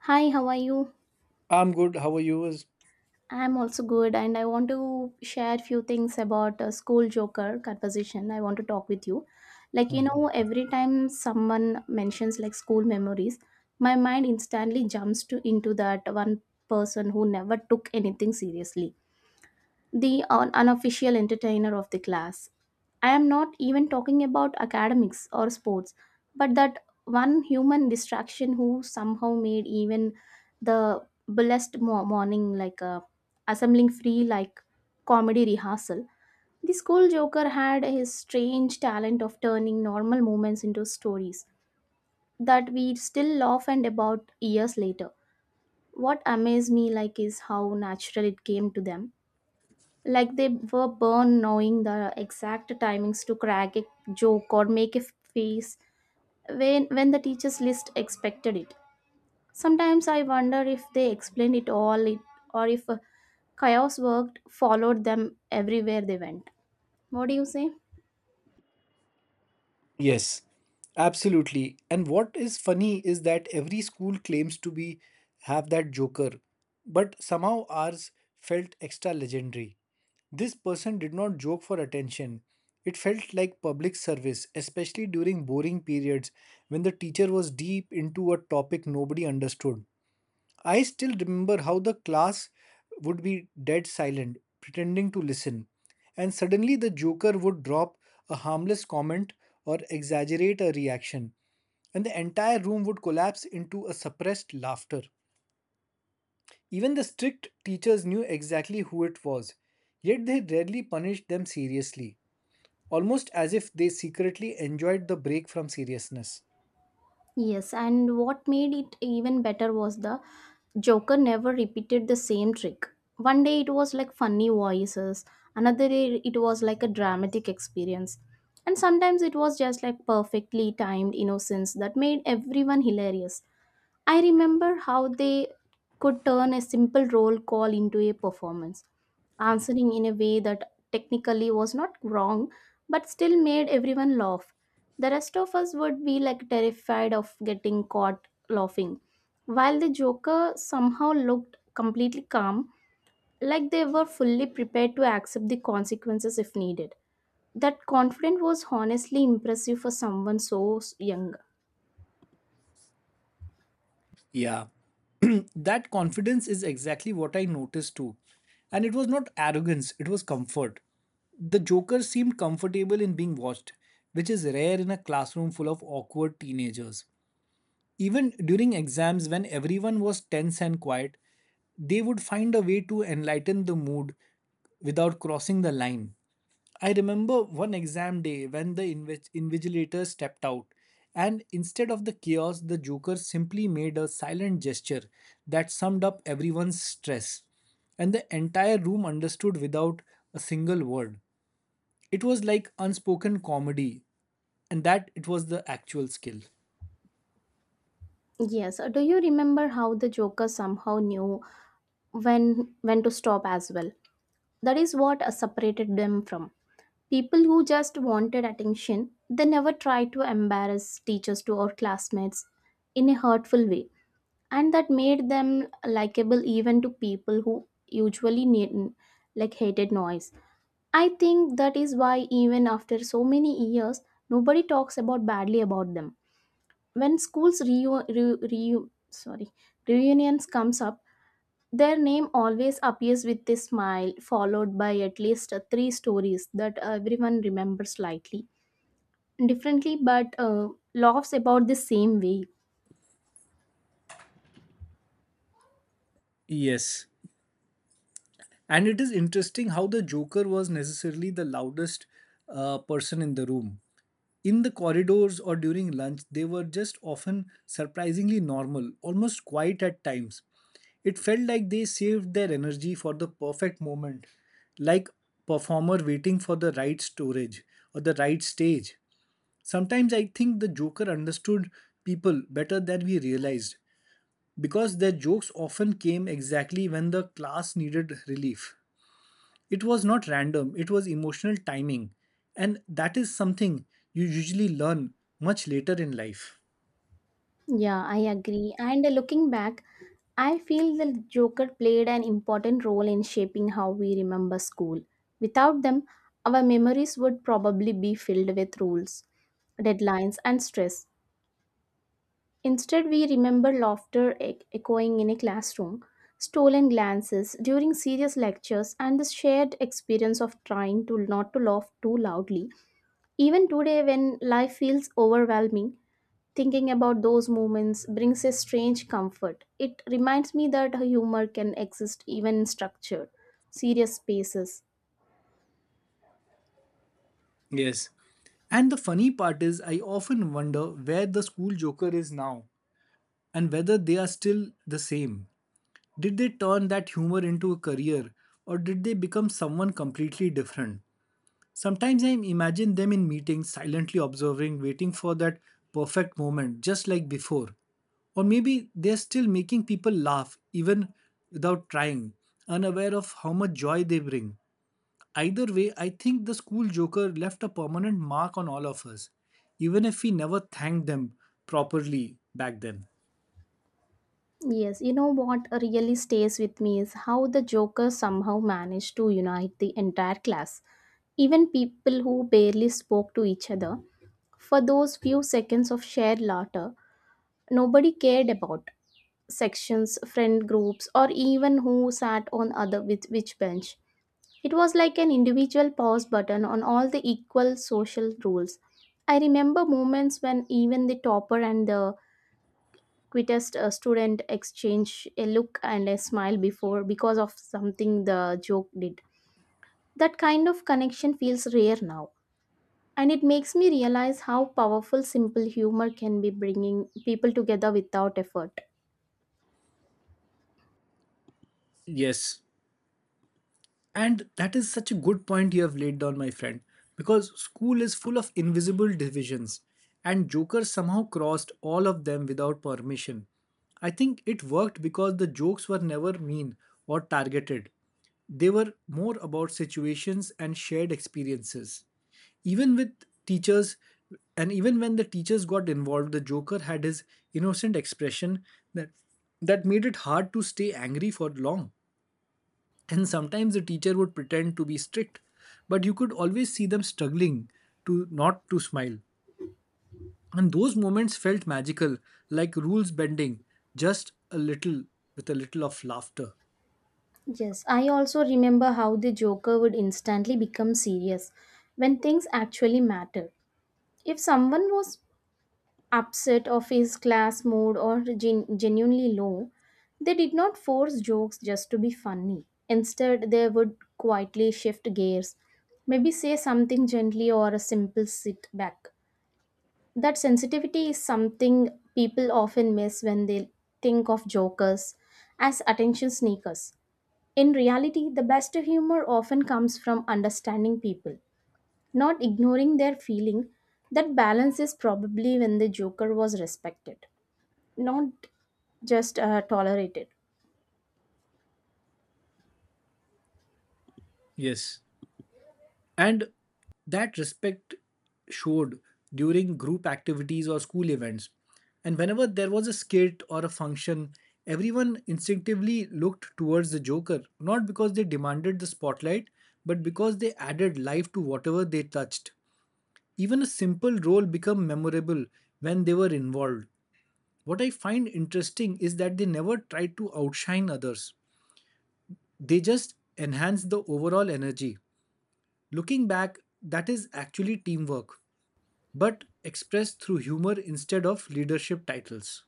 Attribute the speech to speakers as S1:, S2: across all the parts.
S1: Hi, how are you?
S2: I'm good. How are you?
S1: I'm also good, and I want to share few things about a school joker conversation. I want to talk with you. Like, you know,
S2: Mhm.
S1: every time someone mentions like school memories, my mind instantly jumps to into that one person who never took anything seriously the unofficial entertainer of the class. I am not even talking about academics or sports, but that one human distraction who somehow made even the blessed morning like a assembling free like comedy rehearsal. The school joker had his strange talent of turning normal moments into stories that we still laugh and about years later. What amazed me like is how natural it came to them like they were born knowing the exact timings to crack a joke or make a face when the teachers list expected it. Sometimes I wonder if they explained it all it, or if chaos worked followed them everywhere they went. What do you say?
S2: Yes, absolutely. And what is funny is that every school claims to be have that joker, but somehow ours felt extra legendary. This person did not joke for attention. It felt like public service, especially during boring periods when the teacher was deep into a topic nobody understood. I still remember how the class would be dead silent, pretending to listen, and suddenly the joker would drop a harmless comment or exaggerate a reaction, and the entire room would collapse into a suppressed laughter. Even the strict teachers knew exactly who it was, yet they rarely punished them seriously, almost as if they secretly enjoyed the break from seriousness.
S1: Yes, and what made it even better was the Joker never repeated the same trick. One day it was like funny voices, another day it was like a dramatic experience. And sometimes it was just like perfectly timed innocence that made everyone hilarious. I remember how they could turn a simple roll call into a performance, answering in a way that technically was not wrong but still made everyone laugh. The rest of us would be like terrified of getting caught laughing, while the joker somehow looked completely calm, like they were fully prepared to accept the consequences if needed. That confidence was honestly impressive for someone so young.
S2: Yeah. That confidence is exactly what I noticed too. And it was not arrogance, it was comfort. The Joker seemed comfortable in being watched, which is rare in a classroom full of awkward teenagers. Even during exams, when everyone was tense and quiet, they would find a way to enlighten the mood without crossing the line. I remember one exam day when the invigilator stepped out, and instead of the chaos, the joker simply made a silent gesture that summed up everyone's stress, and the entire room understood without a single word. It was like unspoken comedy, and that it was the actual skill.
S1: Yes. Do you remember how the Joker somehow knew when to stop as well? That is what separated them from people who just wanted attention. They never tried to embarrass teachers to or classmates in a hurtful way, and that made them likable even to people who usually need, like hated noise. I think that is why even after so many years, nobody talks about badly about them when schools reu- re- re sorry reunions comes up. Their name always appears with a smile followed by at least three stories that everyone remembers slightly differently but laughs about the same way.
S2: Yes. And it is interesting how the Joker was necessarily the loudest person in the room. In the corridors or during lunch, they were just often surprisingly normal, almost quiet at times. It felt like they saved their energy for the perfect moment, like performer waiting for the right storage or the right stage. Sometimes I think the Joker understood people better than we realized because their jokes often came exactly when the class needed relief. It was not random, it was emotional timing. And that is something you usually learn much later in life.
S1: Yeah, I agree, and looking back I feel the joker played an important role in shaping how we remember school. Without them our memories would probably be filled with rules, deadlines and stress. Instead, we remember laughter echoing in a classroom, stolen glances during serious lectures, and the shared experience of trying to not to laugh too loudly. Even today, when life feels overwhelming, thinking about those moments brings a strange comfort. It reminds me that humor can exist even in structured, serious spaces.
S2: Yes. And the funny part is, I often wonder where the school joker is now and whether they are still the same. Did they turn that humor into a career or did they become someone completely different? Sometimes I imagine them in meetings, silently observing, waiting for that perfect moment, just like before. Or maybe they're still making people laugh, even without trying, unaware of how much joy they bring. Either way, I think the school joker left a permanent mark on all of us, even if we never thanked them properly back then.
S1: Yes, you know what really stays with me is how the Joker somehow managed to unite the entire class. Even people who barely spoke to each other, for those few seconds of shared laughter, nobody cared about sections, friend groups, or even who sat on other with which bench. It was like an individual pause button on all the equal social rules. I remember moments when even the topper and the quittest student exchanged a look and a smile before because of something the joke did. That kind of connection feels rare now. And it makes me realize how powerful simple humor can be bringing people together without effort.
S2: Yes, and that is such a good point you have laid down, my friend, because school is full of invisible divisions, and Joker somehow crossed all of them without permission. I think it worked because the jokes were never mean or targeted. They were more about situations and shared experiences. Even with teachers, and even when the teachers got involved, the Joker had his innocent expression that, that made it hard to stay angry for long. And sometimes the teacher would pretend to be strict, but you could always see them struggling to not to smile. And those moments felt magical, like rules bending, just a little with a little of laughter.
S1: Yes, I also remember how the Joker would instantly become serious when things actually matter. If someone was upset of his class mood or genuinely low, they did not force jokes just to be funny. Instead, they would quietly shift gears, maybe say something gently or a simple sit back. That sensitivity is something people often miss when they think of jokers as attention sneakers. In reality, the best humor often comes from understanding people, not ignoring their feeling. That balance is probably when the joker was respected, not just tolerated.
S2: Yes. And that respect showed during group activities or school events. And whenever there was a skit or a function, everyone instinctively looked towards the Joker, not because they demanded the spotlight, but because they added life to whatever they touched. Even a simple role became memorable when they were involved. What I find interesting is that they never tried to outshine others, they just enhanced the overall energy. Looking back, that is actually teamwork, but expressed through humor instead of leadership titles.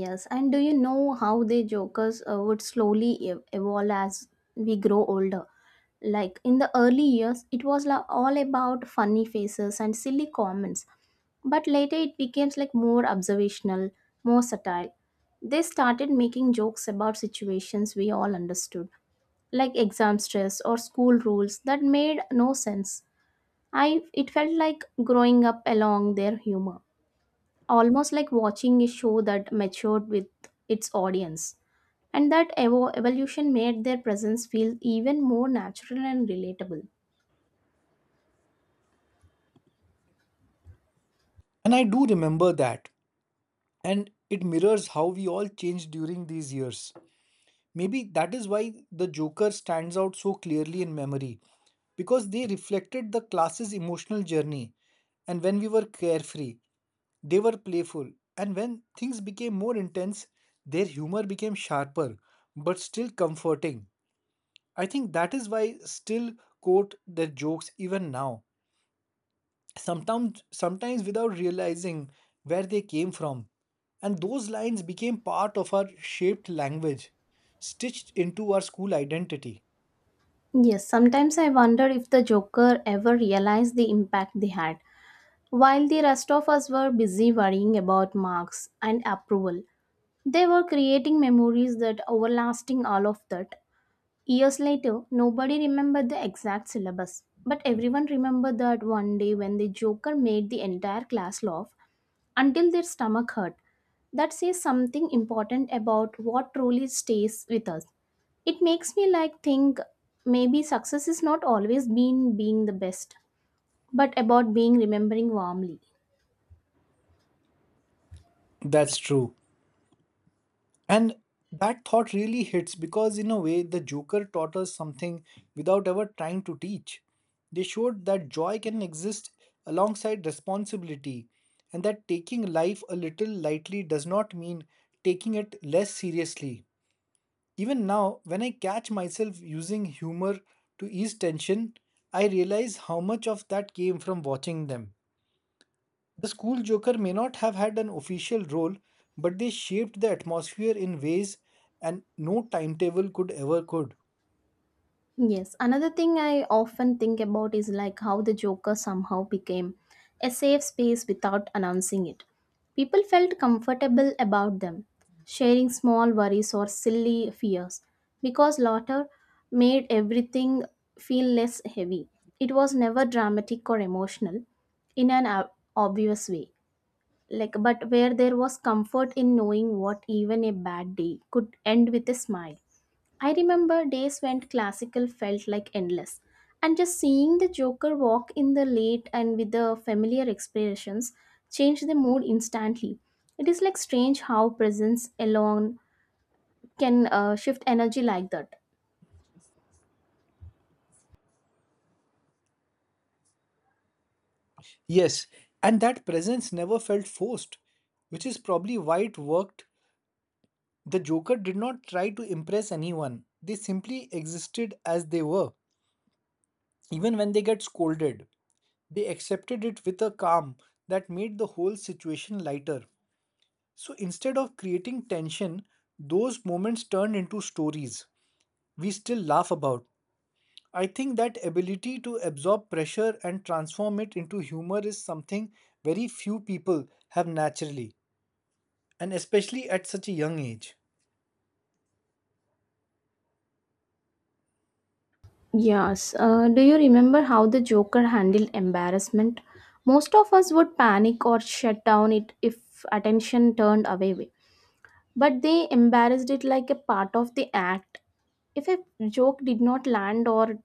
S1: Yes, and do you know how the jokers would slowly evolve as we grow older? Like in the early years, it was all about funny faces and silly comments, but later it became like more observational, more subtle. They started making jokes about situations we all understood, like exam stress or school rules that made no sense. I it felt like growing up along their humor, almost like watching a show that matured with its audience. And that evolution made their presence feel even more natural and relatable.
S2: And I do remember that. And it mirrors how we all changed during these years. Maybe that is why the Joker stands out so clearly in memory, because they reflected the class's emotional journey. And when we were carefree, they were playful. And when things became more intense, their humor became sharper, but still comforting. I think that is why still quote their jokes even now, sometimes without realizing where they came from, and those lines became part of our shaped language, stitched into our school identity.
S1: Yes, sometimes I wonder if the Joker ever realized the impact they had. While the rest of us were busy worrying about marks and approval, they were creating memories that overlasting all of that. Years later, nobody remembered the exact syllabus, but everyone remembered that one day when the Joker made the entire class laugh until their stomach hurt. That says something important about what truly stays with us. It makes me like think maybe success is not always been being the best, but about being remembering warmly.
S2: That's true. And that thought really hits, because in a way the joker taught us something without ever trying to teach. They showed that joy can exist alongside responsibility, and that taking life a little lightly does not mean taking it less seriously. Even now, when I catch myself using humor to ease tension, I realize how much of that came from watching them. The school joker may not have had an official role, but they shaped the atmosphere in ways and no timetable could ever could.
S1: Yes, another thing I often think about is like how the Joker somehow became a safe space without announcing it. People felt comfortable about them, sharing small worries or silly fears, because laughter made everything feel less heavy. It was never dramatic or emotional in an obvious way. Like, but where there was comfort in knowing what even a bad day could end with a smile. I remember days when classical felt like endless, and just seeing the Joker walk in the late and with the familiar expressions changed the mood instantly. It is like strange how presence alone can shift energy like that.
S2: Yes, and that presence never felt forced, which is probably why it worked. The Joker did not try to impress anyone. They simply existed as they were, even when they get scolded. They accepted it with a calm that made the whole situation lighter. So instead of creating tension, those moments turned into stories we still laugh about. I think that ability to absorb pressure and transform it into humor is something very few people have naturally, and especially at such a young age.
S1: Yes, do you remember how the Joker handled embarrassment? Most of us would panic or shut down it if attention turned away, but they embarrassed it like a part of the act. If a joke did not land or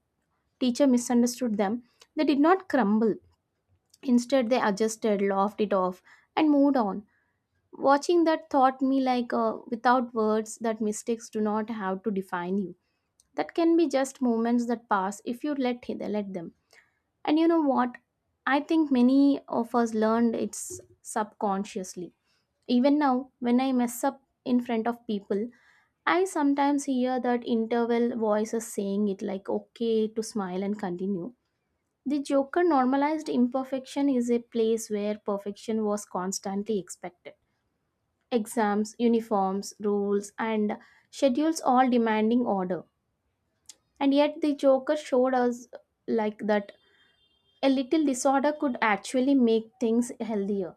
S1: teacher misunderstood them, they did not crumble. Instead, they adjusted, laughed it off, and moved on. Watching that taught me, like, without words, that mistakes do not have to define you. That can be just moments that pass if you let them. And you know what? I think many of us learned it subconsciously. Even now, when I mess up in front of people, I sometimes hear that interval voices saying it like okay to smile and continue. The Joker normalized imperfection is a place where perfection was constantly expected. Exams, uniforms, rules, and schedules all demanding order. And yet, the Joker showed us like that a little disorder could actually make things healthier.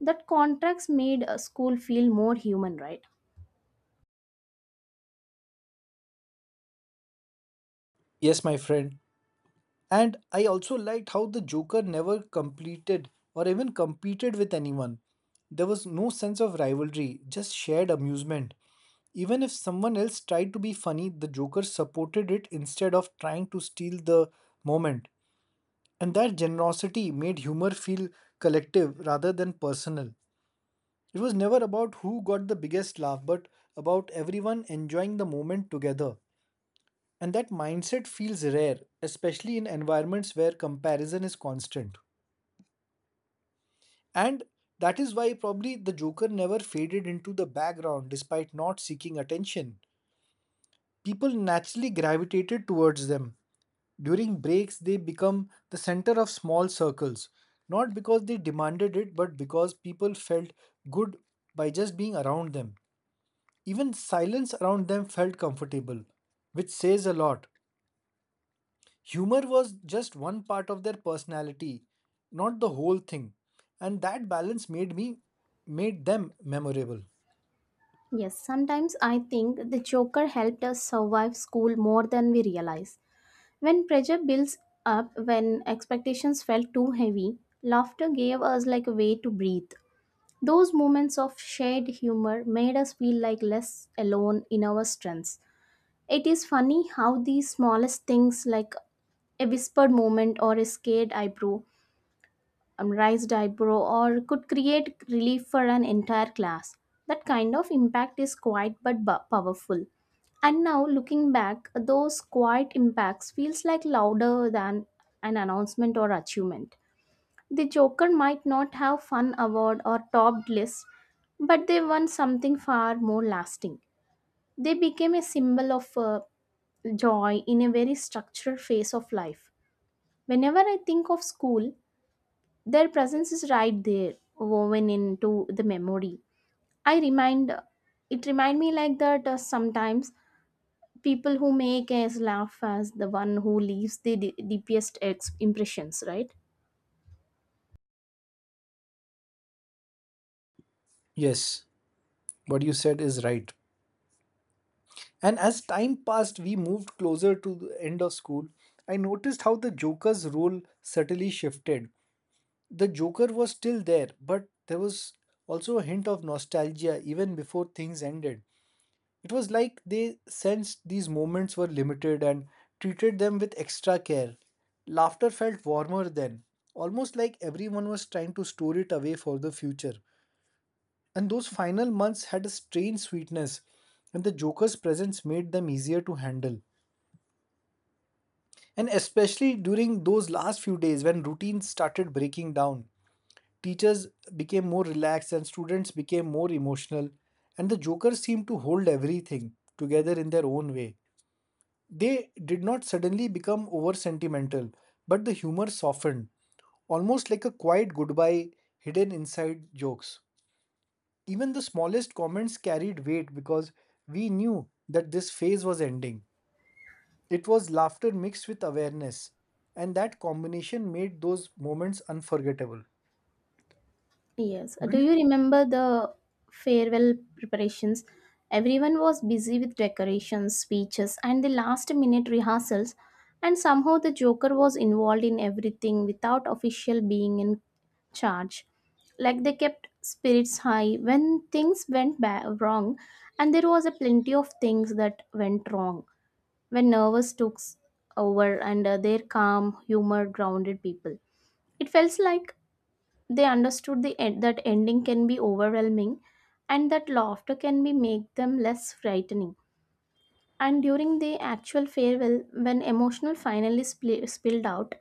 S1: That contracts made a school feel more human, right?
S2: Yes, my friend. And I also liked how the Joker never completed or even competed with anyone. There was no sense of rivalry, just shared amusement. Even if someone else tried to be funny, the Joker supported it instead of trying to steal the moment. And that generosity made humor feel collective rather than personal. It was never about who got the biggest laugh, but about everyone enjoying the moment together. And that mindset feels rare, especially in environments where comparison is constant. And that is why probably the Joker never faded into the background despite not seeking attention. People naturally gravitated towards them. During breaks, they become the center of small circles, not because they demanded it, but because people felt good by just being around them. Even silence around them felt comfortable, which says a lot. Humor was just one part of their personality, not the whole thing. And that balance made them memorable.
S1: Yes, sometimes I think the Joker helped us survive school more than we realize. When pressure builds up, when expectations felt too heavy, laughter gave us like a way to breathe. Those moments of shared humor made us feel like less alone in our strengths. It is funny how these smallest things like a whispered moment or a scared eyebrow raised eyebrow or could create relief for an entire class. That kind of impact is quiet but powerful. And now looking back, those quiet impacts feels like louder than an announcement or achievement. The Joker might not have fun award or topped list, but they won something far more lasting. They became a symbol of joy in a very structured phase of life. Whenever I think of school, their presence is right there, woven into the memory. I remind it remind me like that sometimes people who make us laugh as the one who leaves the deepest impressions, right?
S2: Yes, what you said is right. And as time passed, we moved closer to the end of school. I noticed how the Joker's role subtly shifted. The Joker was still there, but there was also a hint of nostalgia even before things ended. It was like they sensed these moments were limited and treated them with extra care. Laughter felt warmer then, almost like everyone was trying to store it away for the future. And those final months had a strange sweetness, and the Joker's presence made them easier to handle. And especially during those last few days when routines started breaking down, teachers became more relaxed and students became more emotional, and the jokers seemed to hold everything together in their own way. They did not suddenly become over sentimental, but the humor softened, almost like a quiet goodbye hidden inside jokes. Even the smallest comments carried weight because we knew that this phase was ending. It was laughter mixed with awareness, and that combination made those moments unforgettable.
S1: Yes.
S2: Do
S1: Do
S2: you?
S1: you remember the farewell preparations? Everyone was busy with decorations, speeches, and the last minute rehearsals, and somehow the Joker was involved in everything without official being in charge. Like they kept spirits high when things went wrong, and there was a plenty of things that went wrong when nervous over and their calm, humor grounded people. It felt like they understood the end, that ending can be overwhelming and that laughter can be make them less frightening. And during the actual farewell, when emotional finally spli spilled out,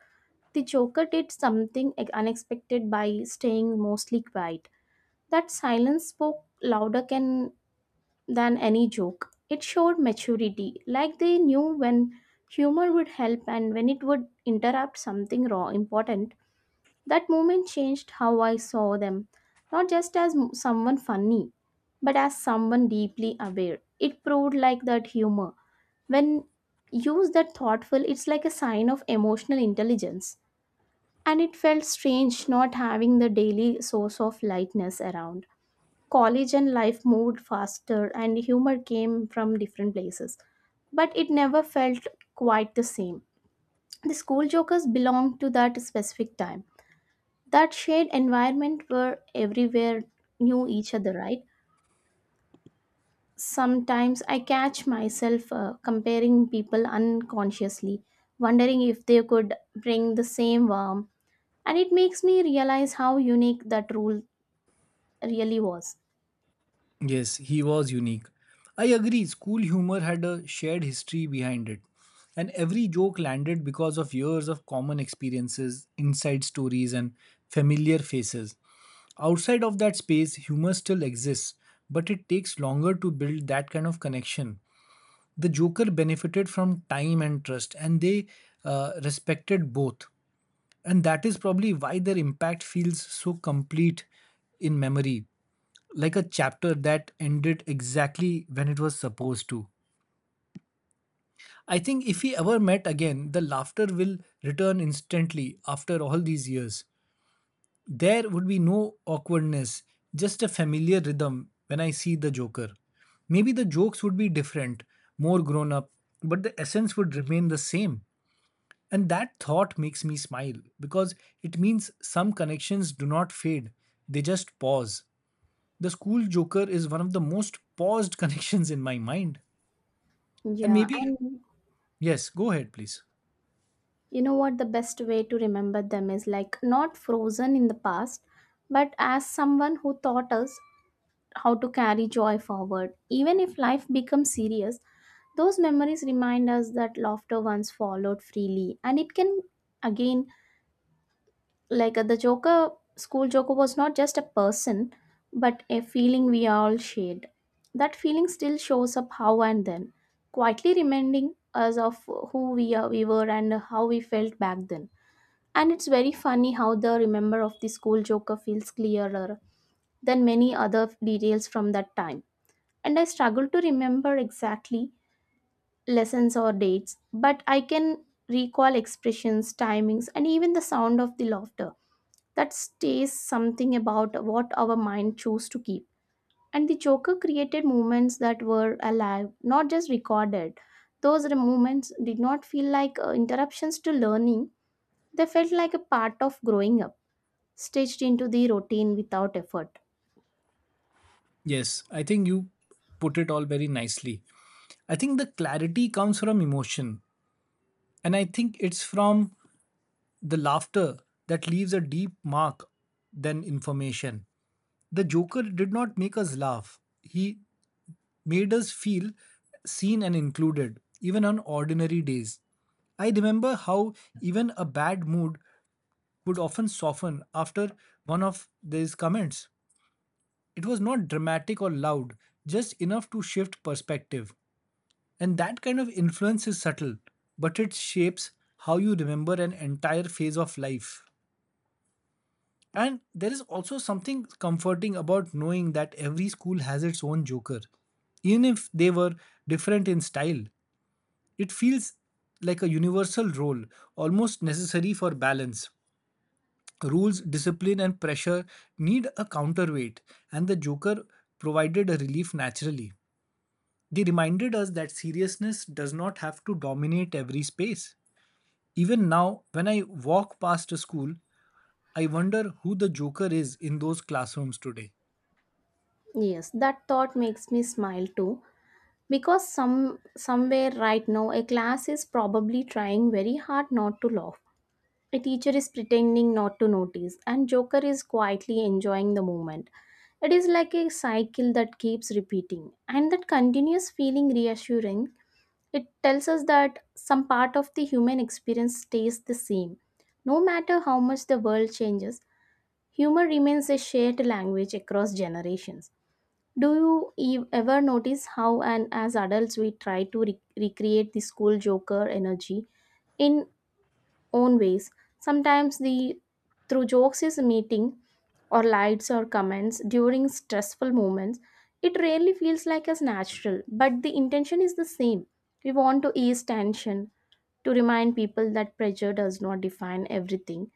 S1: the Joker did something unexpected by staying mostly quiet. That silence spoke louder can, than any joke. It showed maturity, like they knew when humor would help and when it would interrupt something raw important. That moment changed how I saw them, not just as someone funny, but as someone deeply aware. It proved like that humor. When used that thoughtful, it's like a sign of emotional intelligence. And it felt strange not having the daily source of lightness around. College and life moved faster, and humor came from different places, but it never felt quite the same. The school jokers belonged to that specific time, that shared environment where everywhere knew each other, right? Sometimes I catch myself comparing people unconsciously, wondering if they could bring the same warmth, and it makes me realize how unique that rule really was.
S2: Yes, he was unique. I agree, school humor had a shared history behind it, and every joke landed because of years of common experiences, inside stories, and familiar faces. Outside of that space, humor still exists, but it takes longer to build that kind of connection. The Joker benefited from time and trust, and they respected both, and that is probably why their impact feels so complete in memory, like a chapter that ended exactly when it was supposed to. I think if we ever met again the laughter will return instantly. After all these years, there would be no awkwardness, just a familiar rhythm when I see the joker. Maybe the jokes would be different, more grown up, but the essence would remain the same. And that thought makes me smile because it means some connections do not fade, they just pause. The school joker is one of the most paused connections in my mind. And
S1: Yeah,
S2: maybe,
S1: and
S2: yes, go ahead, please.
S1: you know what? The best way to remember them is like not frozen in the past, but as someone who taught us how to carry joy forward. Even if life becomes serious, those memories remind us that laughter once followed freely. And it can, again, like the Joker, school Joker was not just a person, but a feeling we all shared. That feeling still shows up how and then, quietly reminding us of who we, are, we were and how we felt back then. And it's very funny how the remember of the school Joker feels clearer than many other details from that time, and I struggle to remember exactly lessons or dates, but I can recall expressions, timings, and even the sound of the laughter. That stays something about what our mind chose to keep. And the Joker created moments that were alive, not just recorded. Moments did not feel like interruptions to learning, they felt like a part of growing up, stitched into the routine without effort.
S2: Yes, I think you put it all very nicely. I think the clarity comes from emotion, and I think it's from the laughter that leaves a deep mark than information. The Joker did not make us laugh, he made us feel seen and included, even on ordinary days. I remember how even a bad mood would often soften after one of these comments. It was not dramatic or loud, just enough to shift perspective. And that kind of influence is subtle, but it shapes how you remember an entire phase of life. And there is also something comforting about knowing that every school has its own joker, even if they were different in style. It feels like a universal role, almost necessary for balance. Rules, discipline, and pressure need a counterweight, and the Joker provided a relief naturally. They reminded us that seriousness does not have to dominate every space. Even now, when I walk past a school, I wonder who the Joker is in those classrooms today.
S1: Yes, that thought makes me smile too, because somewhere right now a class is probably trying very hard not to laugh, a teacher is pretending not to notice, and joker is quietly enjoying the moment. It is like a cycle that keeps repeating, and that continuous feeling reassuring. It tells us that some part of the human experience stays the same, no matter how much the world changes. Humor remains a shared language across generations. Do you ever notice how, and as adults, we try to recreate the school joker energy in own ways? Sometimes the through jokes is meeting, or lights or comments during stressful moments. It rarely feels like as natural, but the intention is the same. We want to ease tension, to remind people that pressure does not define everything.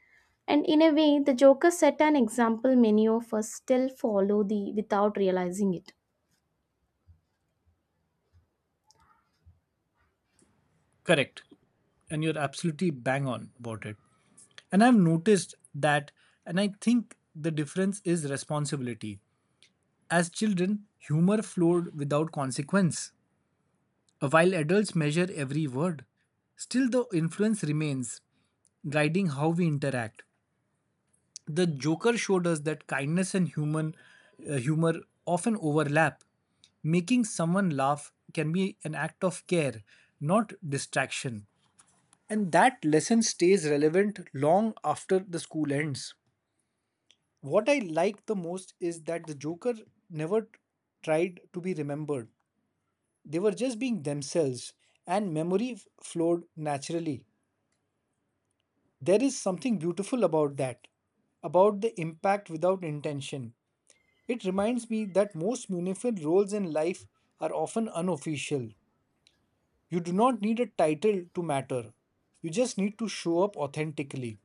S1: And in a way, the Joker set an example many of us still follow the without realizing it.
S2: Correct. And you're absolutely bang on about it. And I've noticed that, and I think the difference is responsibility. As children, humor flowed without consequence, while adults measure every word. Still, the influence remains, guiding how we interact. The Joker showed us that kindness and human humor often overlap. Making someone laugh can be an act of care, not distraction. And that lesson stays relevant long after the school ends. What I like the most is that the Joker never tried to be remembered. They were just being themselves, and memory flowed naturally. There is something beautiful about that, about the impact without intention. It reminds me that most meaningful roles in life are often unofficial. You do not need a title to matter, you just need to show up authentically.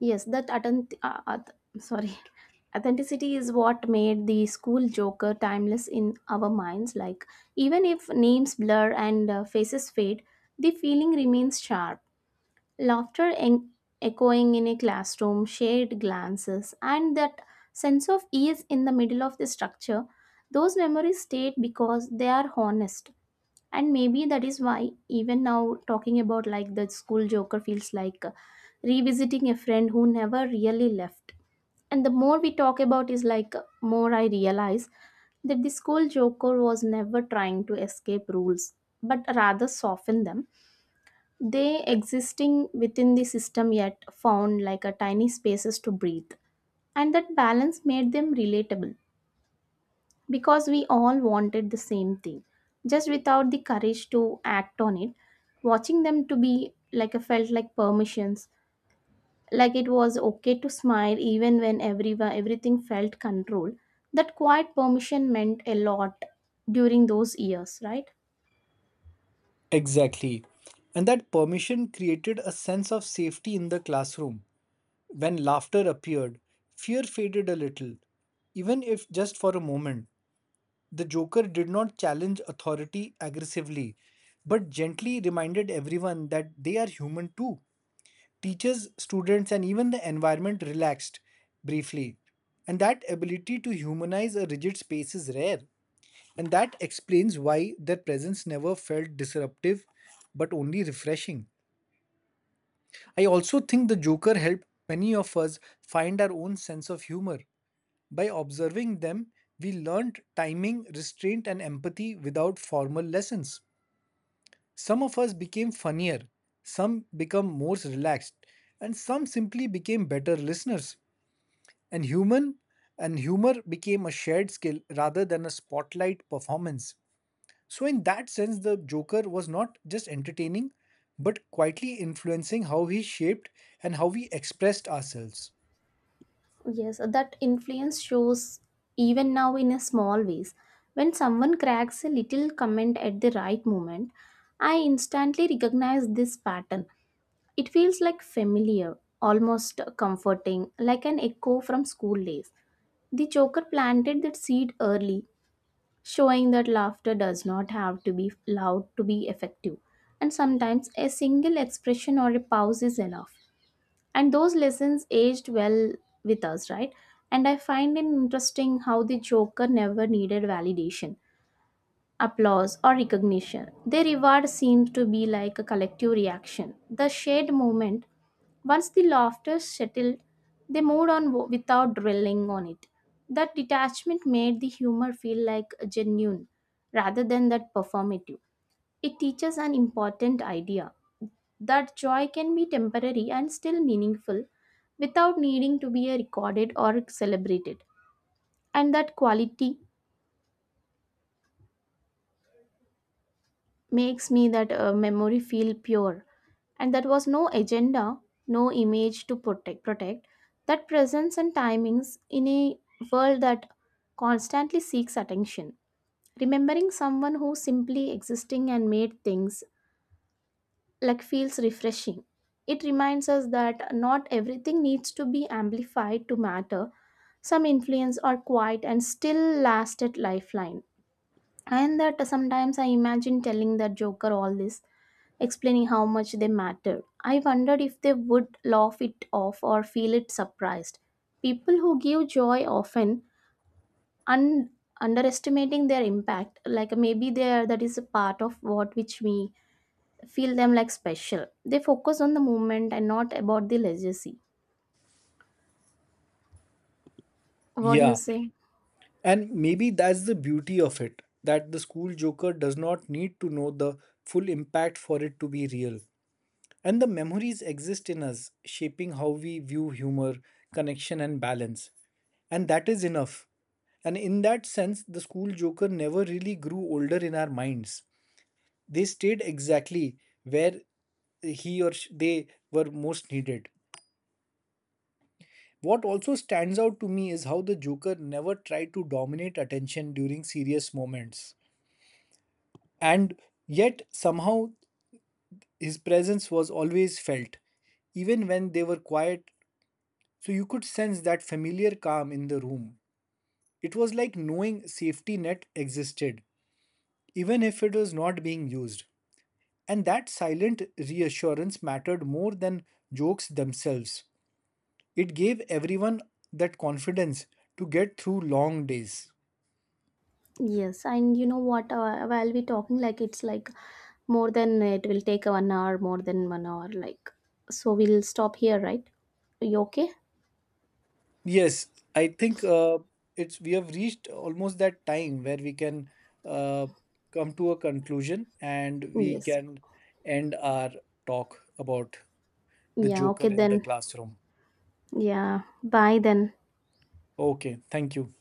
S1: Yes, that atten- uh, uh, sorry, Authenticity is what made the school joker timeless in our minds. Like even if names blur and faces fade, the feeling remains sharp. Laughter en- echoing in a classroom, shared glances, and that sense of ease in the middle of the structure. Those memories stayed because they are honest, and maybe that is why even now talking about like the school joker feels like revisiting a friend who never really left. And the more we talk about is like more I realize that the school joker was never trying to escape rules, but rather soften them. They existing within the system, yet found like a tiny spaces to breathe, and that balance made them relatable, because we all wanted the same thing, just without the courage to act on it. Watching them to be like a felt like permissions, like it was okay to smile even when everyone everything felt controlled. That quiet permission meant a lot during those years, right?
S2: Exactly. And that permission created a sense of safety in the classroom. When laughter appeared, fear faded a little, even if just for a moment. The Joker did not challenge authority aggressively, but gently reminded everyone that they are human too. Teachers, students, and even the environment relaxed briefly. And that ability to humanize a rigid space is rare. And that explains why their presence never felt disruptive but only refreshing. I also think the Joker helped many of us find our own sense of humor. By observing them, we learned timing, restraint, and empathy without formal lessons. Some of us became funnier, some became more relaxed, and some simply became better listeners. And human and humor became a shared skill rather than a spotlight performance. So, in that sense, the Joker was not just entertaining, but quietly influencing how we shaped and how we expressed ourselves.
S1: Yes, that influence shows even now in a small ways. When someone cracks a little comment at the right moment, I instantly recognize this pattern. It feels like familiar, almost comforting, like an echo from school days. The choker planted that seed early, showing that laughter does not have to be loud to be effective. And sometimes a single expression or a pause is enough. And those lessons aged well with us, right? And I find it interesting how the joker never needed validation, applause, or recognition. Their reward seems to be like a collective reaction. The shared movement, once the laughter settled, they without dwelling on it. That detachment made the humor feel like genuine rather than that performative. It teaches an important idea, that joy can be temporary and still meaningful without needing to be recorded or celebrated. And that quality makes me that memory feel pure, and that was no agenda, no image to protect, that presence and timings in a world that constantly seeks attention. Remembering someone who simply existing and made things like feels refreshing. It reminds us that not everything needs to be amplified to matter. Some influence are quiet and still last at lifeline. And that sometimes I imagine telling that joker all this, explaining how much they mattered. I wondered if they would laugh it off or feel it surprised. People who give joy often un- underestimating their impact, like maybe there that is a part of what which we feel them like special. They focus on the moment and not about the legacy. What do you
S2: Yeah,
S1: say?
S2: and maybe that's the beauty of it, that the school joker does not need to know the full impact for it to be real. And the memories exist in us, shaping how we view humor, connection, and balance. And that is enough. And in that sense, the school joker never really grew older in our minds. They stayed exactly where they were most needed. What also stands out to me is how the Joker never tried to dominate attention during serious moments, and yet somehow his presence was always felt, even when they were quiet. So you could sense that familiar calm in the room. It was like knowing safety net existed even if it was not being used, and that silent reassurance mattered more than jokes themselves. It gave everyone that confidence to get through long days.
S1: Yes, and you know what? Will be talking, like it's like more than it will take 1 hour, more than 1 hour, like so we'll stop here, right? You okay?
S2: Yes, I think it's we have reached almost that time where we can uh, come to a conclusion and we
S1: Yes.
S2: can end our talk about the
S1: Yeah,
S2: Joker
S1: okay
S2: in the
S1: then.
S2: classroom.
S1: Yeah, bye then.
S2: Okay, thank you.